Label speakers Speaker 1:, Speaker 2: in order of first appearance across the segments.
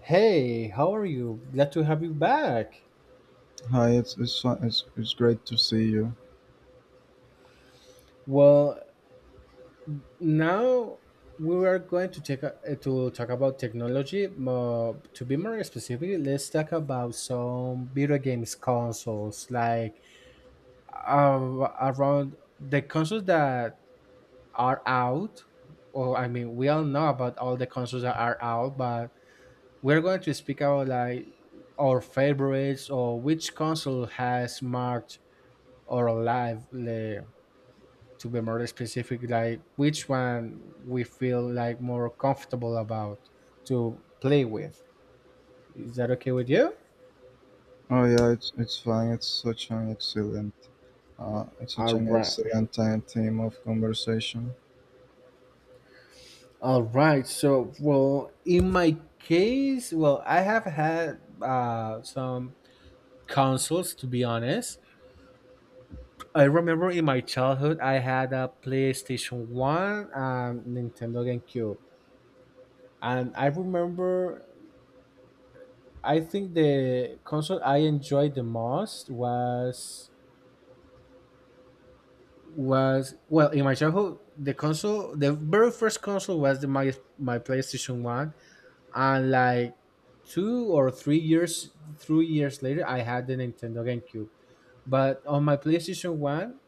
Speaker 1: Hey, how are you? Glad to have you back.
Speaker 2: Hi, it's fine. It's great to see you.
Speaker 1: Well, now we are going to talk about technology. To be more specific, let's talk about some video games consoles, like around the consoles that are out. Or I mean, we all know about all the consoles that are out, but we're going to speak about like our favorites or which console has marked our life, like, to be more specific, like which one we feel like more comfortable about to play with. Is that okay with you?
Speaker 2: Oh yeah, it's fine. It's
Speaker 1: All
Speaker 2: such an
Speaker 1: right.
Speaker 2: excellent time theme of conversation.
Speaker 1: All right. So, well, in my case, well, I have had some consoles, to be honest. I remember in my childhood, I had a PlayStation 1 and Nintendo GameCube. And I remember, I think the console I enjoyed the most was well, in my childhood, the console, the very first console, was the my my playstation 1, and like two or three years 3 years later, I had the Nintendo GameCube. But on my playstation 1,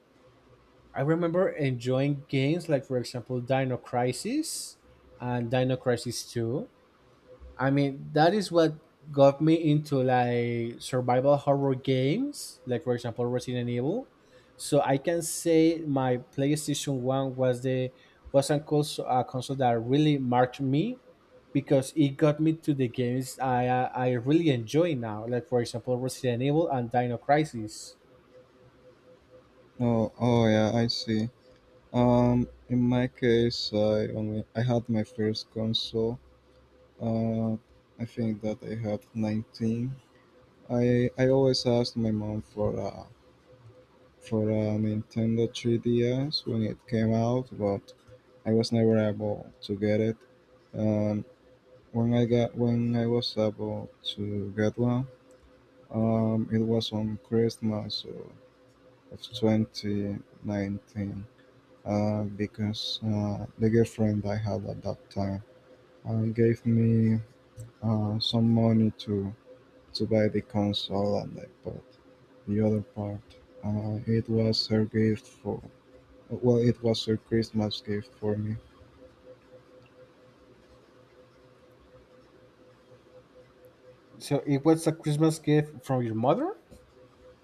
Speaker 1: I remember enjoying games like, for example, Dino Crisis and Dino Crisis 2. I mean, that is what got me into like survival horror games, like, for example, Resident Evil. So I can say my PlayStation One was the was a console that really marked me because it got me to the games I really enjoy now, like, for example, Resident Evil and Dino Crisis.
Speaker 2: Oh yeah, I see. In my case, I had my first console. Uh, I think that I had 19. I always asked my mom for a Nintendo 3DS when it came out, but I was never able to get it. Um, When I got when I was about to get one, it was on Christmas of 2019, because the girlfriend I had at that time gave me some money to buy the console and I bought the other part. It was her gift for Well, it was her Christmas gift for me.
Speaker 1: So it was a Christmas gift from your mother?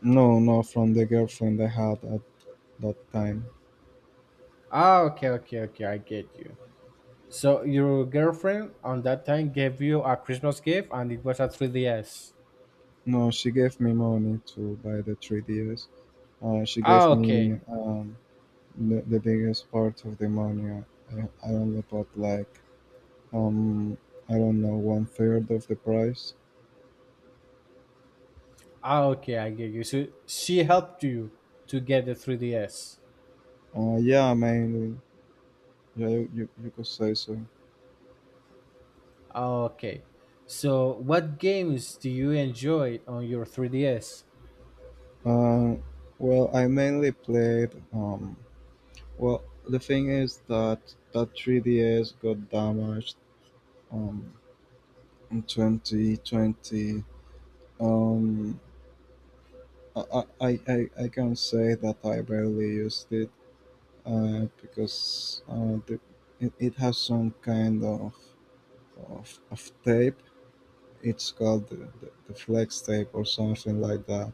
Speaker 2: No, no, from the girlfriend I had at that time.
Speaker 1: Ah, okay, okay, okay. I get you. So your girlfriend on that time gave you a Christmas gift, and it was a 3DS.
Speaker 2: No, she gave me money to buy the 3DS. She
Speaker 1: Ah,
Speaker 2: gave me
Speaker 1: okay.
Speaker 2: the biggest part of the money. I only bought like, um, I don't know, one third of the price.
Speaker 1: Ah, okay. I get you. So she helped you to get the 3DS.
Speaker 2: Yeah, mainly. Yeah, you could say so.
Speaker 1: Ah, okay. So what games do you enjoy on your 3DS?
Speaker 2: Uh, well, I mainly played. Well, the thing is that that 3DS got damaged um, in 2020. Um, I can say that I barely used it because it has some kind of tape. It's called the flex tape or something like that.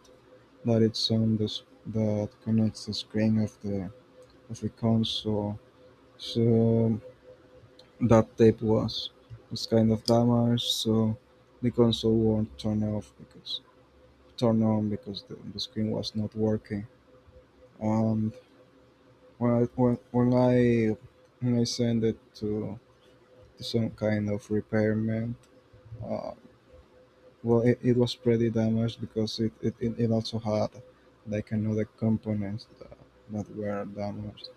Speaker 2: But it's on this that connects the screen of the console. So that tape was kind of damaged. So the console won't turn on because the screen was not working. Um, when I when, when I when I sent it to some kind of repairman, uh, well, it was pretty damaged because it also had like another components that were damaged.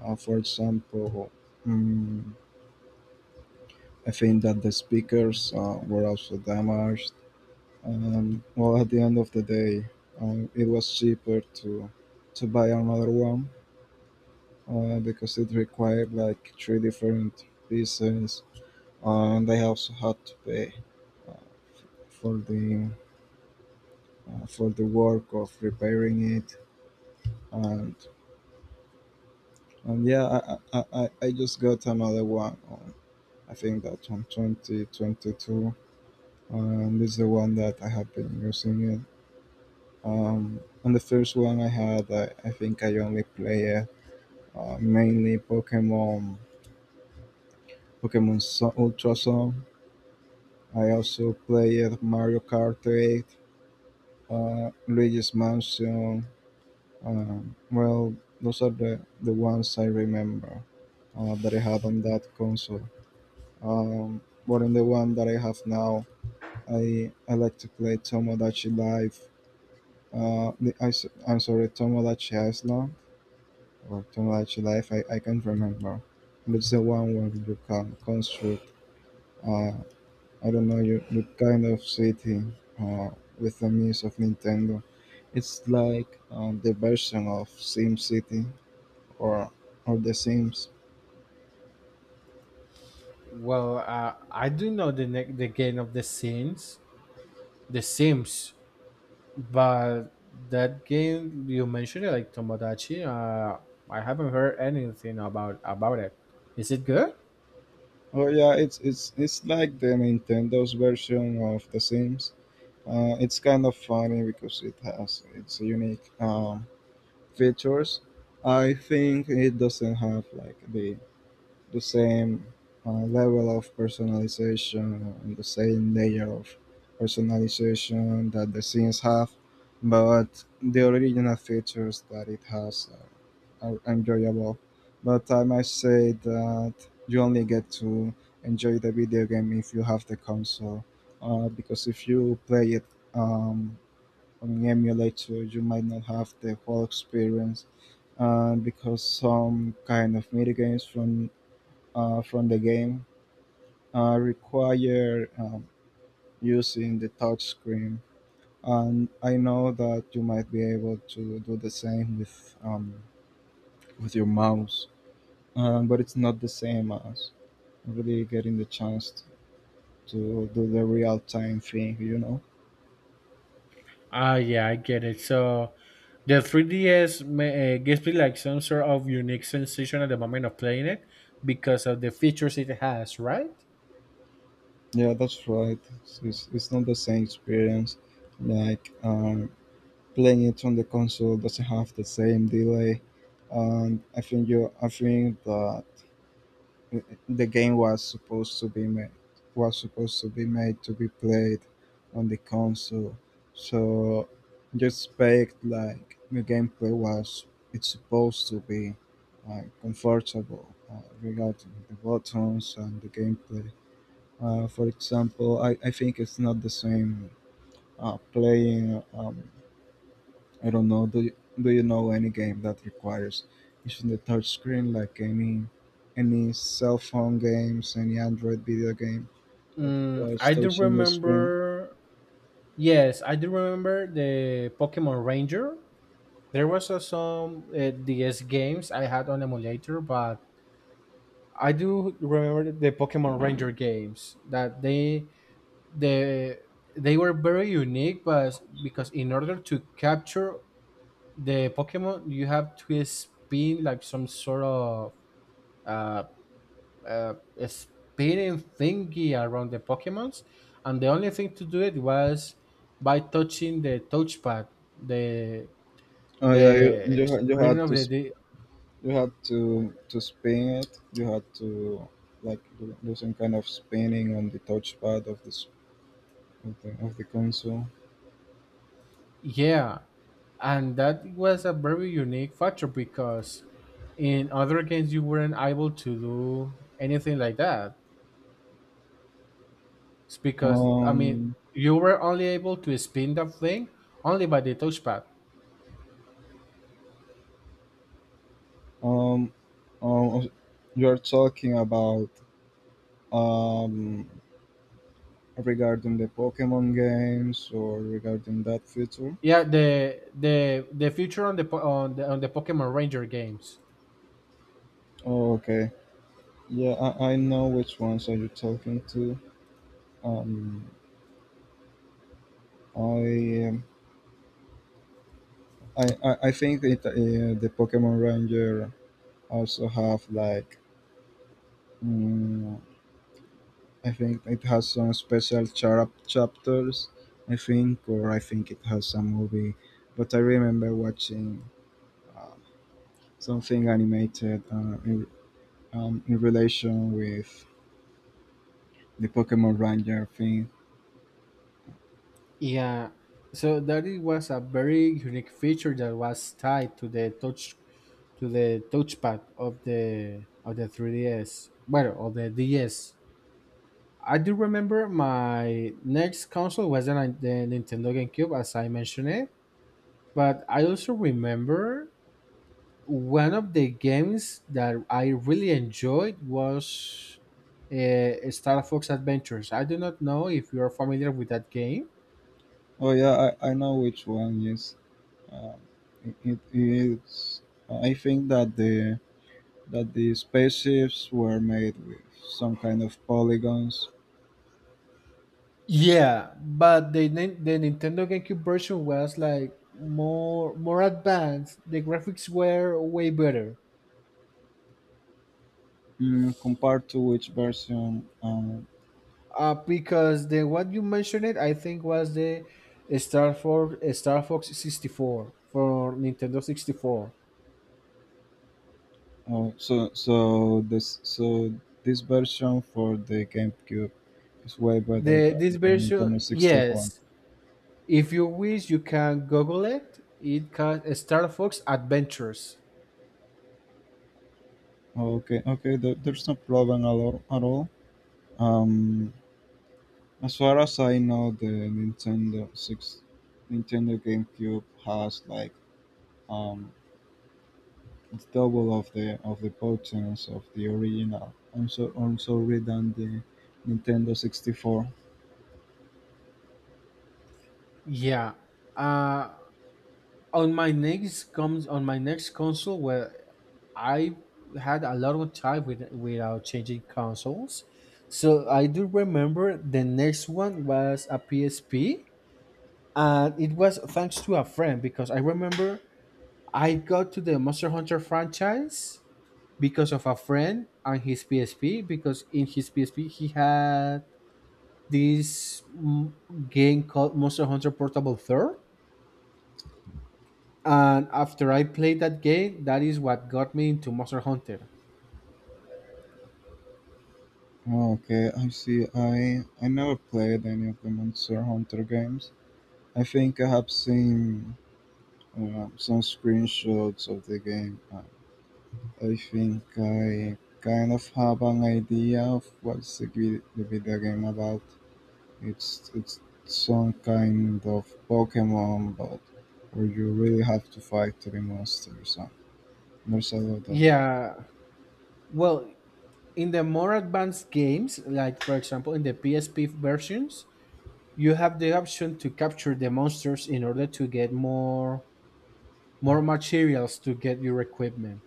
Speaker 2: For example, um, I think that the speakers were also damaged. Well, at the end of the day, it was cheaper to buy another one because it required like three different pieces and I also had to pay uh, for the for the work of repairing it. And and yeah, I just got another one. I think that on 2022, and this is the one that I have been using it. And the first one I had, I think I only played mainly Pokemon, Pokemon Sun, Ultra Sun. I also played Mario Kart 8, Luigi's Mansion. Uh, well, those are the ones I remember that I had on that console. Um, but on the one that I have now, I like to play Tomodachi Life. I am sorry, Tomodachi Island or Tomodachi Life, I can't remember. But it's the one where you can construct, uh, I don't know, you kind of city uh, with the means of Nintendo. It's like the version of Sim City or or The Sims.
Speaker 1: Well, I do know the the game of the Sims, but that game you mentioned, like Tomodachi, I haven't heard anything about it. Is it good?
Speaker 2: Oh yeah, it's like the Nintendo's version of The Sims. It's kind of funny because it has its unique features. I think it doesn't have like the same level of personalization and the same layer of personalization that The Sims have, but the original features that it has are enjoyable, but I might say that you only get to enjoy the video game if you have the console, because if you play it um, on an emulator, you might not have the whole experience. Because some kind of mini games from the game require using the touch screen, and I know that you might be able to do the same with your mouse. But it's not the same as really getting the chance to do the real time thing, you know?
Speaker 1: Ah, yeah, I get it. So the 3DS may, gives me like some sort of unique sensation at the moment of playing it because of the features it has, right?
Speaker 2: Yeah, that's right. It's not the same experience. Like playing it on the console doesn't have the same delay. And I think that the game was supposed to be made to be played on the console, so just expect like the gameplay was it's supposed to be comfortable regarding the buttons and the gameplay. For example, I think it's not the same playing I don't know. Do you know any game that requires using the touch screen, like any cell phone games, any Android video game that
Speaker 1: Mm,
Speaker 2: requires
Speaker 1: I do
Speaker 2: touching the screen?
Speaker 1: remember. Yes, I do remember the Pokemon Ranger. There was some DS games I had on emulator, but I do remember the Pokemon Ranger games that the they were very unique, but because in order to capture the Pokemon you have to spin like some sort of uh, uh, spinning thingy around the Pokemons, and the only thing to do it was by touching the touchpad, the
Speaker 2: Oh yeah,
Speaker 1: the screen of the
Speaker 2: you had to spin it. You had to like do some kind of spinning on the touchpad of the s- of the console.
Speaker 1: yeah, and that was a very unique factor because in other games you weren't able to do anything like that. It's because I mean
Speaker 2: Um
Speaker 1: you were only able to spin the thing only by the touchpad.
Speaker 2: um um. You are talking about um regarding the Pokemon games or regarding that feature?
Speaker 1: Yeah, the the feature on the on the Pokemon Ranger games.
Speaker 2: Oh, okay. Yeah, I know which ones are you talking to. Um, I, um, I think it, The Pokemon Ranger also have like mm, I think it has some special chapters. I think it has a movie, but I remember watching um, something animated in relation with the Pokemon Ranger thing.
Speaker 1: Yeah, so that it was a very unique feature that was tied to the touch to the touchpad of the 3DS, well, of the DS. I do remember my next console was the the Nintendo GameCube, as I mentioned it, but I also remember one of the games that I really enjoyed was Star Fox Adventures. I do not know if you are familiar with that game.
Speaker 2: Oh yeah, I know which one. Yes, um, it is. I think that the spaceships were made with some kind of polygons.
Speaker 1: Yeah, but the the Nintendo GameCube version was like more advanced. The graphics were way better.
Speaker 2: Mm, compared to which version?
Speaker 1: Because the what you mentioned it, I think, was the Star Fox 64 for Nintendo 64.
Speaker 2: Oh, this version for the GameCube is way better
Speaker 1: The
Speaker 2: than
Speaker 1: this
Speaker 2: the
Speaker 1: version,
Speaker 2: Nintendo 64.
Speaker 1: yes, if you wish, you can Google it. It can Star Fox Adventures.
Speaker 2: Okay, okay, there's no problem at all. At all. Um, As far as I know, Nintendo GameCube has like um, it's double of the potence of the original. I'm sorry than the Nintendo 64.
Speaker 1: Yeah. Uh, on my next console, where I had a lot of time with, without changing consoles. So I do remember the next one was a PSP, and it was thanks to a friend because I remember I got to the Monster Hunter franchise because of a friend and his PSP, because in his PSP he had this game called Monster Hunter Portable 3rd. And after I played that game, that is what got me into Monster Hunter.
Speaker 2: Okay, I see. I never played any of the Monster Hunter games. I think I have seen some screenshots of the game. I think I kind of have an idea of what's the video game about. It's some kind of Pokemon, but where you really have to fight three monsters. And there's a lot of.
Speaker 1: Yeah. Well, in the more advanced games, like, for example, in the PSP versions, you have the option to capture the monsters in order to get more materials to get your equipment.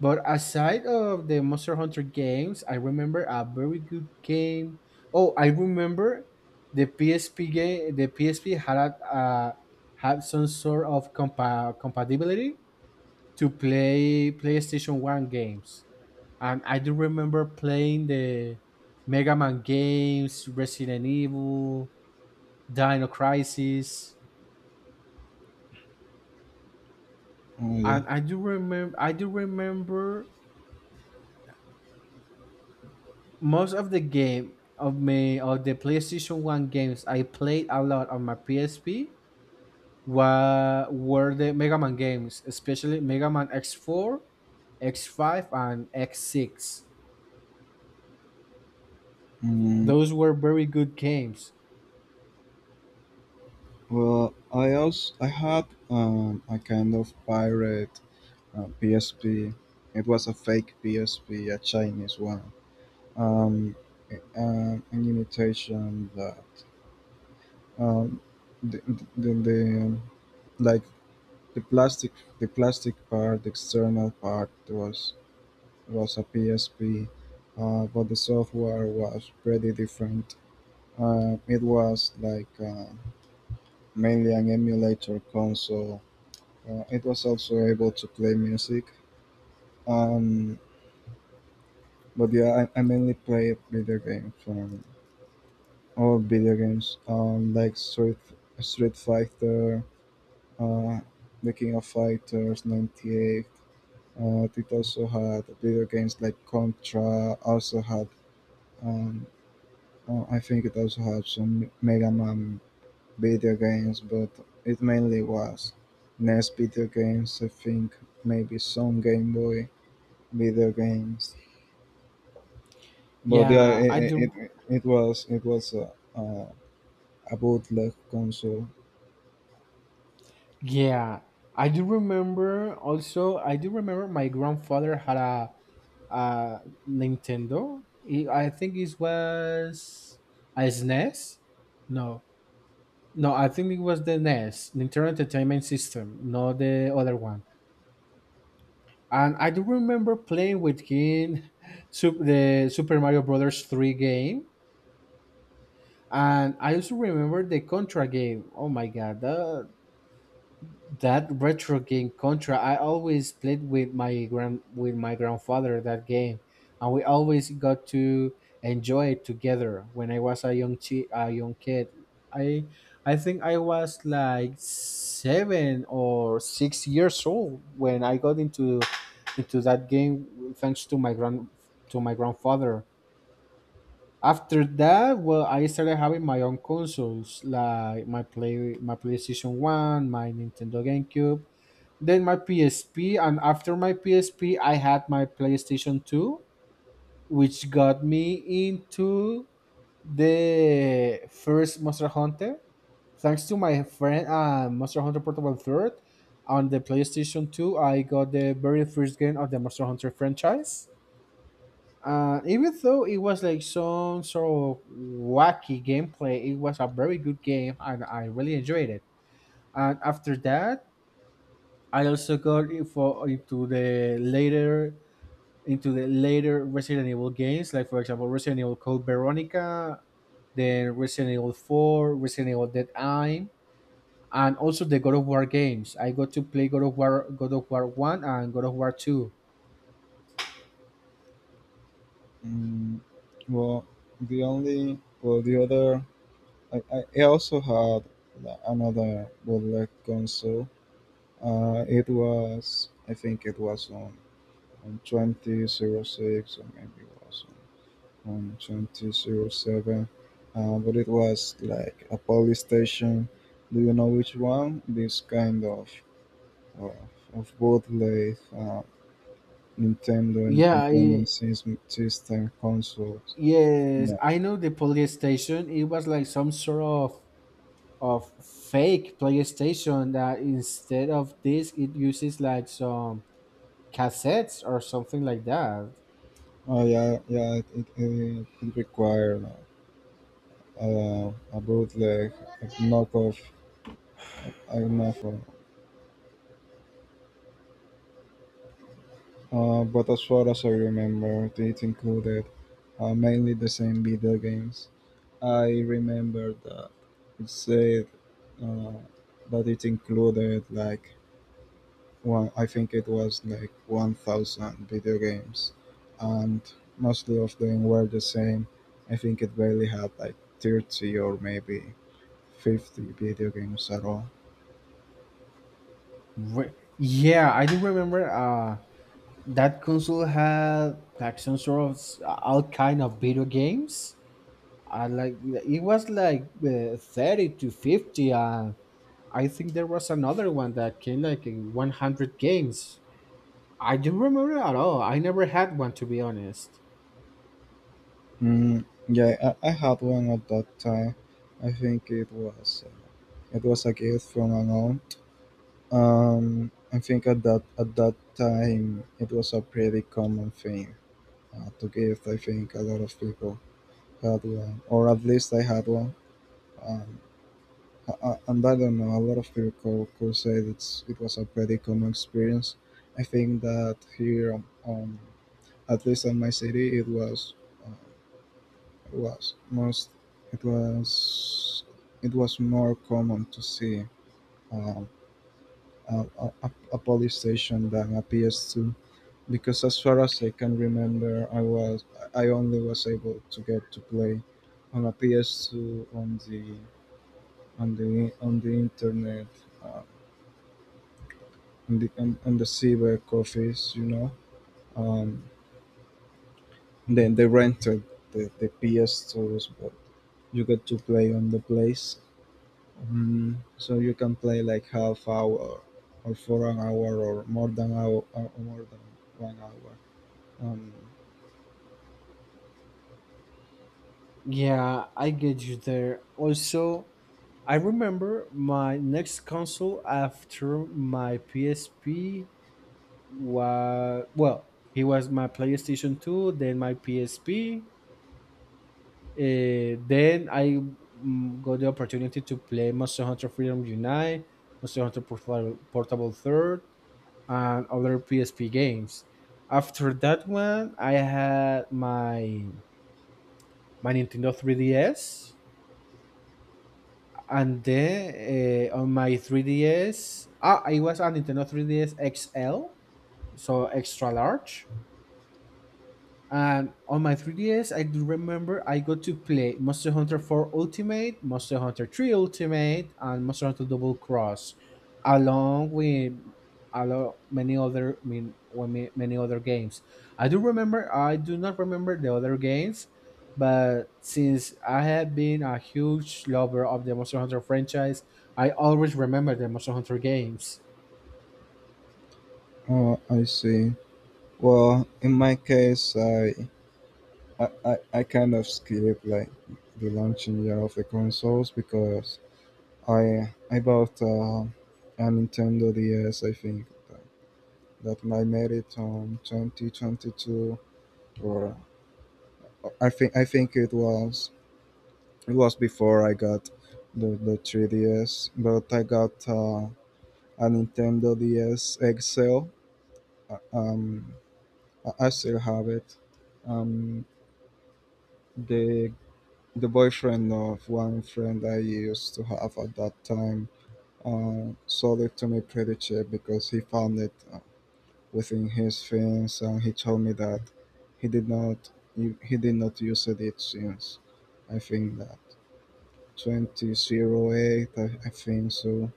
Speaker 1: But aside of the Monster Hunter games, I remember a very good game. Oh, I remember the PSP game. The PSP had a, had some sort of compatibility to play PlayStation One games, and I do remember playing the Mega Man games, Resident Evil, Dino Crisis,
Speaker 2: Oh, yeah.
Speaker 1: and I do remember. I do remember most of the game of me of the PlayStation 1 games I played a lot on my PSP were the Mega Man games, especially Mega Man X4, X5 and X6.
Speaker 2: Mm,
Speaker 1: Those were very good games.
Speaker 2: well, I had a kind of pirate PSP. It was a fake PSP, a Chinese one. Um, an imitation that um, the, the, the like the plastic the plastic part, the external part was a PSP, but the software was pretty different. It was like mainly an emulator console. It was also able to play music. Um, but yeah, I mainly played video games, all video games, like Street Fighter, uh, The King of Fighters '98. It also had video games like Contra. Also had um, I think it also had some Mega Man video games, but it mainly was NES video games. I think maybe some Game Boy video games. But yeah,
Speaker 1: Yeah, I do
Speaker 2: it was a bootleg console.
Speaker 1: yeah. I do remember also I do remember my grandfather had a a Nintendo. I think it was a SNES. No. No, I think it was the NES, Nintendo Entertainment System, not the other one. And I do remember playing with him the Super Mario Brothers 3 game. And I also remember the Contra game. Oh my god, that, that retro game Contra, I always played with my grand with my grandfather that game, and we always got to enjoy it together. When I was a young a young kid, I think I was like 7 or 6 years old when I got into that game thanks to my grand to my grandfather. After that, well, I started having my own consoles like my PlayStation One, my Nintendo GameCube, then my PSP, and after my PSP, I had my PlayStation 2, which got me into the first Monster Hunter. Thanks to my friend, Monster Hunter Portable Third, on the PlayStation 2, I got the very first game of the Monster Hunter franchise. Even though it was like some sort of wacky gameplay, it was a very good game and I really enjoyed it. And after that, I also got info into the later Resident Evil games, like, for example, Resident Evil Code Veronica, then Resident Evil 4, Resident Evil Dead Eye, and also the God of War games. I got to play God of War One, and God of War Two.
Speaker 2: Mm, well, the only well the other I also had another bootleg console. It was I think it was on 2006 or maybe it was on 2007, but it was like a police station. Do you know which one? This kind of, of both like Nintendo
Speaker 1: Yeah,
Speaker 2: Entertainment
Speaker 1: I,
Speaker 2: System, system consoles.
Speaker 1: yes,
Speaker 2: Yeah.
Speaker 1: I know the PlayStation. It was like some sort of fake PlayStation that instead of this, it uses like some cassettes or something like that.
Speaker 2: Oh yeah, yeah. It required a bootleg, a knockoff, a knockoff. But as far as I remember, it included mainly the same video games. I remember that it said uh, that it included like I think it was like 1,000 video games, and mostly of them were the same. I think it barely had like 30 or maybe 50 video games at all.
Speaker 1: Yeah, I do remember. That console had like some sort of all kind of video games. I like it was like 30 to 50, and I think there was another one that came like in 100 games. I don't remember at all. I never had one, to be honest.
Speaker 2: Mm, yeah, I had one at that time. I think it was It was a gift from my mom. I think at that time it was a pretty common thing to give. I think a lot of people had one, or at least I had one. Um, and I don't know, a lot of people could say that it was a pretty common experience. I think that here, um, at least in my city, uh, it was most it was it was more common to see um, a police station than a PS2 because as far as I can remember, I only was able to get to play on a PS2 on the internet uh, on the cyber cafes, you know. Um, then they rented the PS2s, but you get to play on the place. So you can play like half hour or for an hour or more than 1 hour. Um,
Speaker 1: Yeah, I get you there. Also, I remember my next console after my PSP was well, it was my PlayStation Two, then my PSP. Then I got the opportunity to play Monster Hunter Freedom Unite, Portable Third, and other PSP games. After that one, I had my Nintendo 3DS, and then on my 3DS, ah, I was a Nintendo 3DS XL, so extra large. And on my 3DS, I do remember I got to play Monster Hunter 4 Ultimate, Monster Hunter 3 Ultimate, and Monster Hunter Double Cross, along with a lot many other mean well, ma- many other games. I do remember. I do not remember the other games, but since I have been a huge lover of the Monster Hunter franchise, I always remember the Monster Hunter games.
Speaker 2: oh, I see. Well, in my case, I kind of skip like the launching year of the consoles because I bought a Nintendo DS. I think that I made it on 2022, or I think it was before I got the 3DS, but I got a Nintendo DS XL. Uh, Um, I still have it. Um, the The boyfriend of one friend I used to have at that time sold it to me pretty cheap because he found it within his fence, and he told me that he did not use it since. I think that 2008, I think so.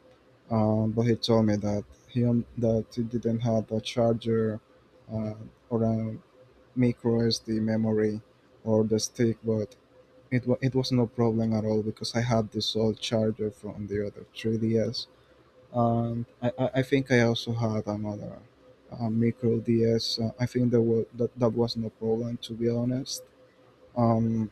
Speaker 2: But he told me that that he didn't have a charger uh, or a micro SD memory or the stick, but it was no problem at all because I had this old charger from the other 3DS. And I think I also had another micro DS. I think that was no problem, to be honest. Um,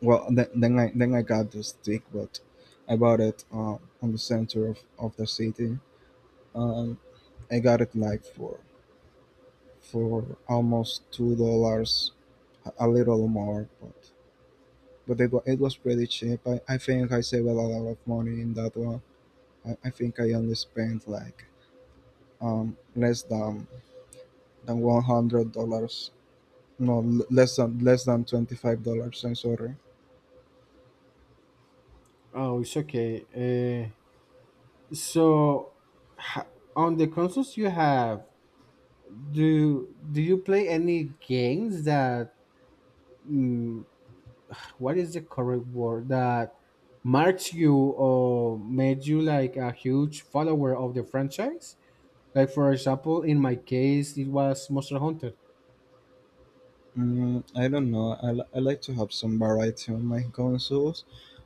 Speaker 2: well, then I got this stick, but I bought it on the center of the city. Um, I got it like for almost $2, a little more, but it was pretty cheap. I think I saved a lot of money in that one. I think I only spent like less than $100. No, less than $25. I'm sorry.
Speaker 1: Oh, it's okay. So, ha- on the consoles you have, do you play any games that, mm, what is the correct word, that marked you or made you like a huge follower of the franchise, like, for example, in my case it was Monster Hunter?
Speaker 2: Mm, I don't know. I like to have some variety on my consoles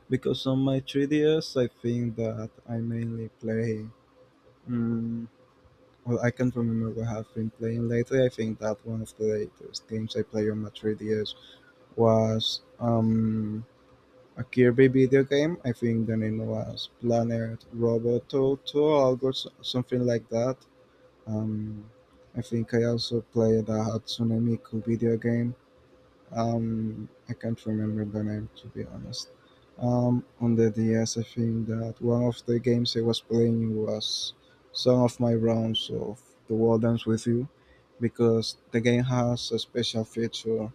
Speaker 2: because on my 3DS, I think that I mainly play. Mm, well, I can't remember what I've been playing lately. I think that one of the latest games I play on my 3DS was a Kirby video game? I think the name was Planet Roboto 2 or something like that. Um, I think I also played a Hatsune Miku video game. I can't remember the name, to be honest. On the DS, I think that one of the games I was playing was some of my rounds of The World Ends With You, because the game has a special feature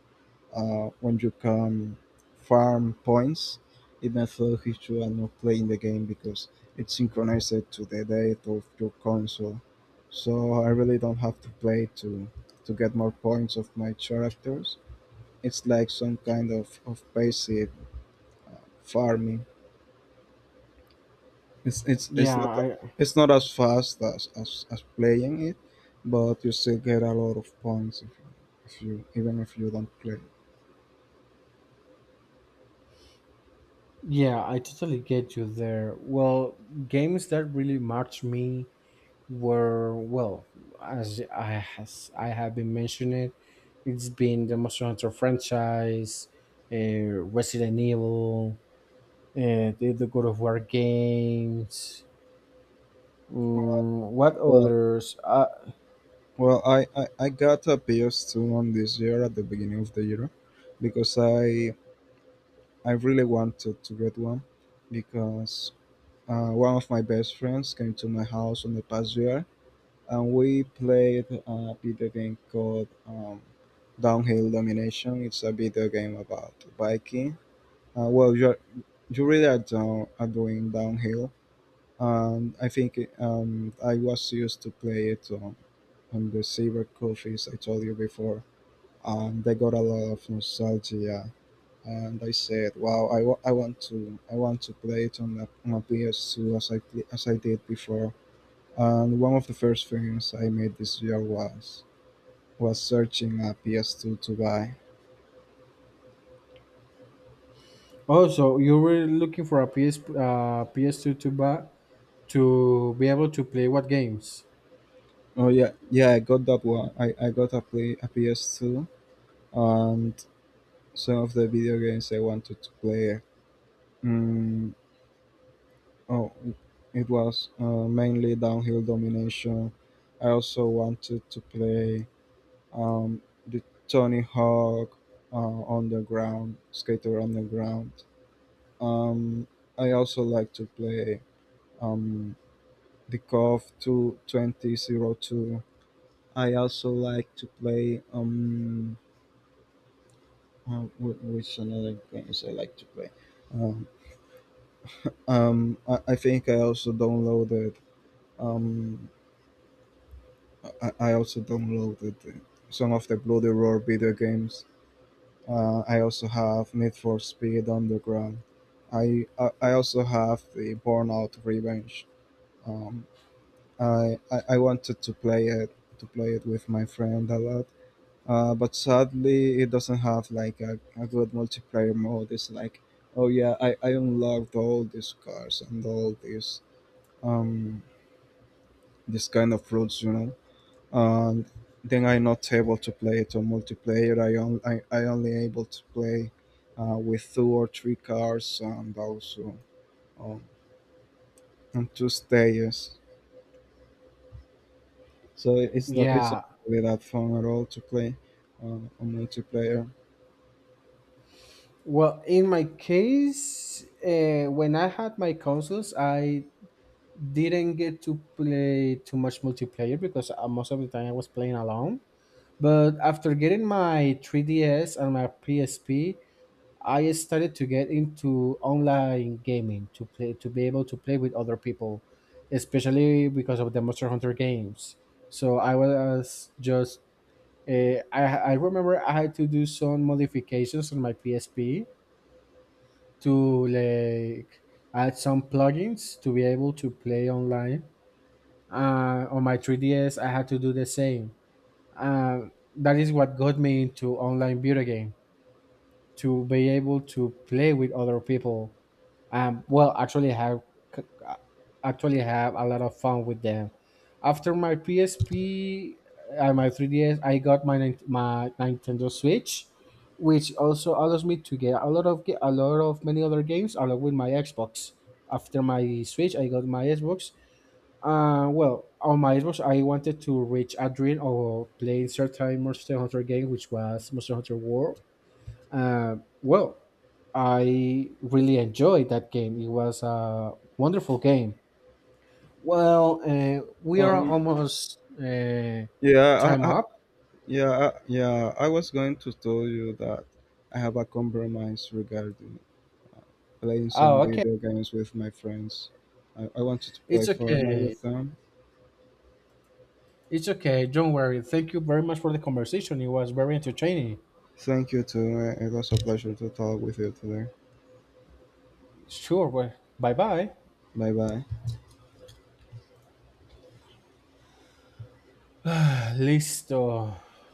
Speaker 2: when you can farm points, even though if you are not playing the game, because it's synchronized to the date of your console. So I really don't have to play to get more points of my characters. It's like some kind of passive farming. It's it's it's not
Speaker 1: yeah i
Speaker 2: it's not as fast as playing it, but you still get a lot of points if you even if you don't play.
Speaker 1: yeah, I totally get you there. Well, games that really marked me were, well, as I has I have been mentioning, it's been the Monster Hunter franchise, Resident Evil, the God of War games. Mm, what
Speaker 2: Well,
Speaker 1: others?
Speaker 2: Well, I got a PS2 one this year at the beginning of the year, because I really wanted to get one, because one of my best friends came to my house on the past year and we played a video game called Downhill Domination. It's a video game about biking. Well, you really are, are doing downhill. And I think I was used to play it on the cyber coffees I told you before, and they got a lot of nostalgia. And I said, "Wow, I want to play it on a PS2 as as I did before." And one of the first things I made this year was searching a PS2 to buy.
Speaker 1: Also, you were looking for a PS uh, PS2 to buy, to be able to play what games?
Speaker 2: Oh yeah, yeah, I got that one. I got a play a PS2 and some of the video games I wanted to play. Mm, oh, it was mainly Downhill Domination. I also wanted to play um, the Tony Hawk, on the ground, skater on the ground. Um, I also like to play um, the Cov Two Twenty Zero Two. I also like to play, wh- which another games I like to play. Um, I think I also downloaded, um, I also downloaded some of the Bloody Roar video games. I also have Need for Speed Underground. I also have the Burnout Revenge. Um, I wanted to play it with my friend a lot, but sadly it doesn't have like a good multiplayer mode. It's like, oh yeah, I unlocked all these cars and all these um this kind of routes, and then I'm not able to play it on multiplayer. I only able to play with two or three cars, and also um, on two stages. So it's not
Speaker 1: Yeah.
Speaker 2: really that fun at all to play uh, on multiplayer.
Speaker 1: Well, in my case, when I had my consoles, I didn't get to play too much multiplayer because most of the time I was playing alone. But after getting my 3DS and my PSP, I started to get into online gaming to play to be able to play with other people, especially because of the Monster Hunter games. So I was just uh, I I remember I had to do some modifications on my PSP to like add some plugins to be able to play online. Uh, on my 3ds, I had to do the same. Uh, that is what got me into online video game, to be able to play with other people. Um, well, c- actually have a lot of fun with them. After my psp and my 3ds, I got my my nintendo switch, which also allows me to get a lot of many other games, along with my xbox. After my switch, I got my xbox. Uh, well, on my Xbox, I wanted to reach a dream of playing certain Monster Hunter game, which was Monster Hunter World. Well, I really enjoyed that game. It was a wonderful game. Well, we are
Speaker 2: Um,
Speaker 1: almost
Speaker 2: yeah,
Speaker 1: time
Speaker 2: I, I,
Speaker 1: up.
Speaker 2: yeah, I- yeah. I was going to tell you that I have a compromise regarding uh, playing some
Speaker 1: Oh, okay.
Speaker 2: video games with my friends. I wanted to play
Speaker 1: It's
Speaker 2: Fortnite
Speaker 1: okay.
Speaker 2: with them.
Speaker 1: It's okay. Don't worry. Thank you very much for the conversation. It was very entertaining.
Speaker 2: Thank you too. It was a pleasure to talk with you today.
Speaker 1: Sure. Well, bye bye.
Speaker 2: Bye bye.
Speaker 1: Listo.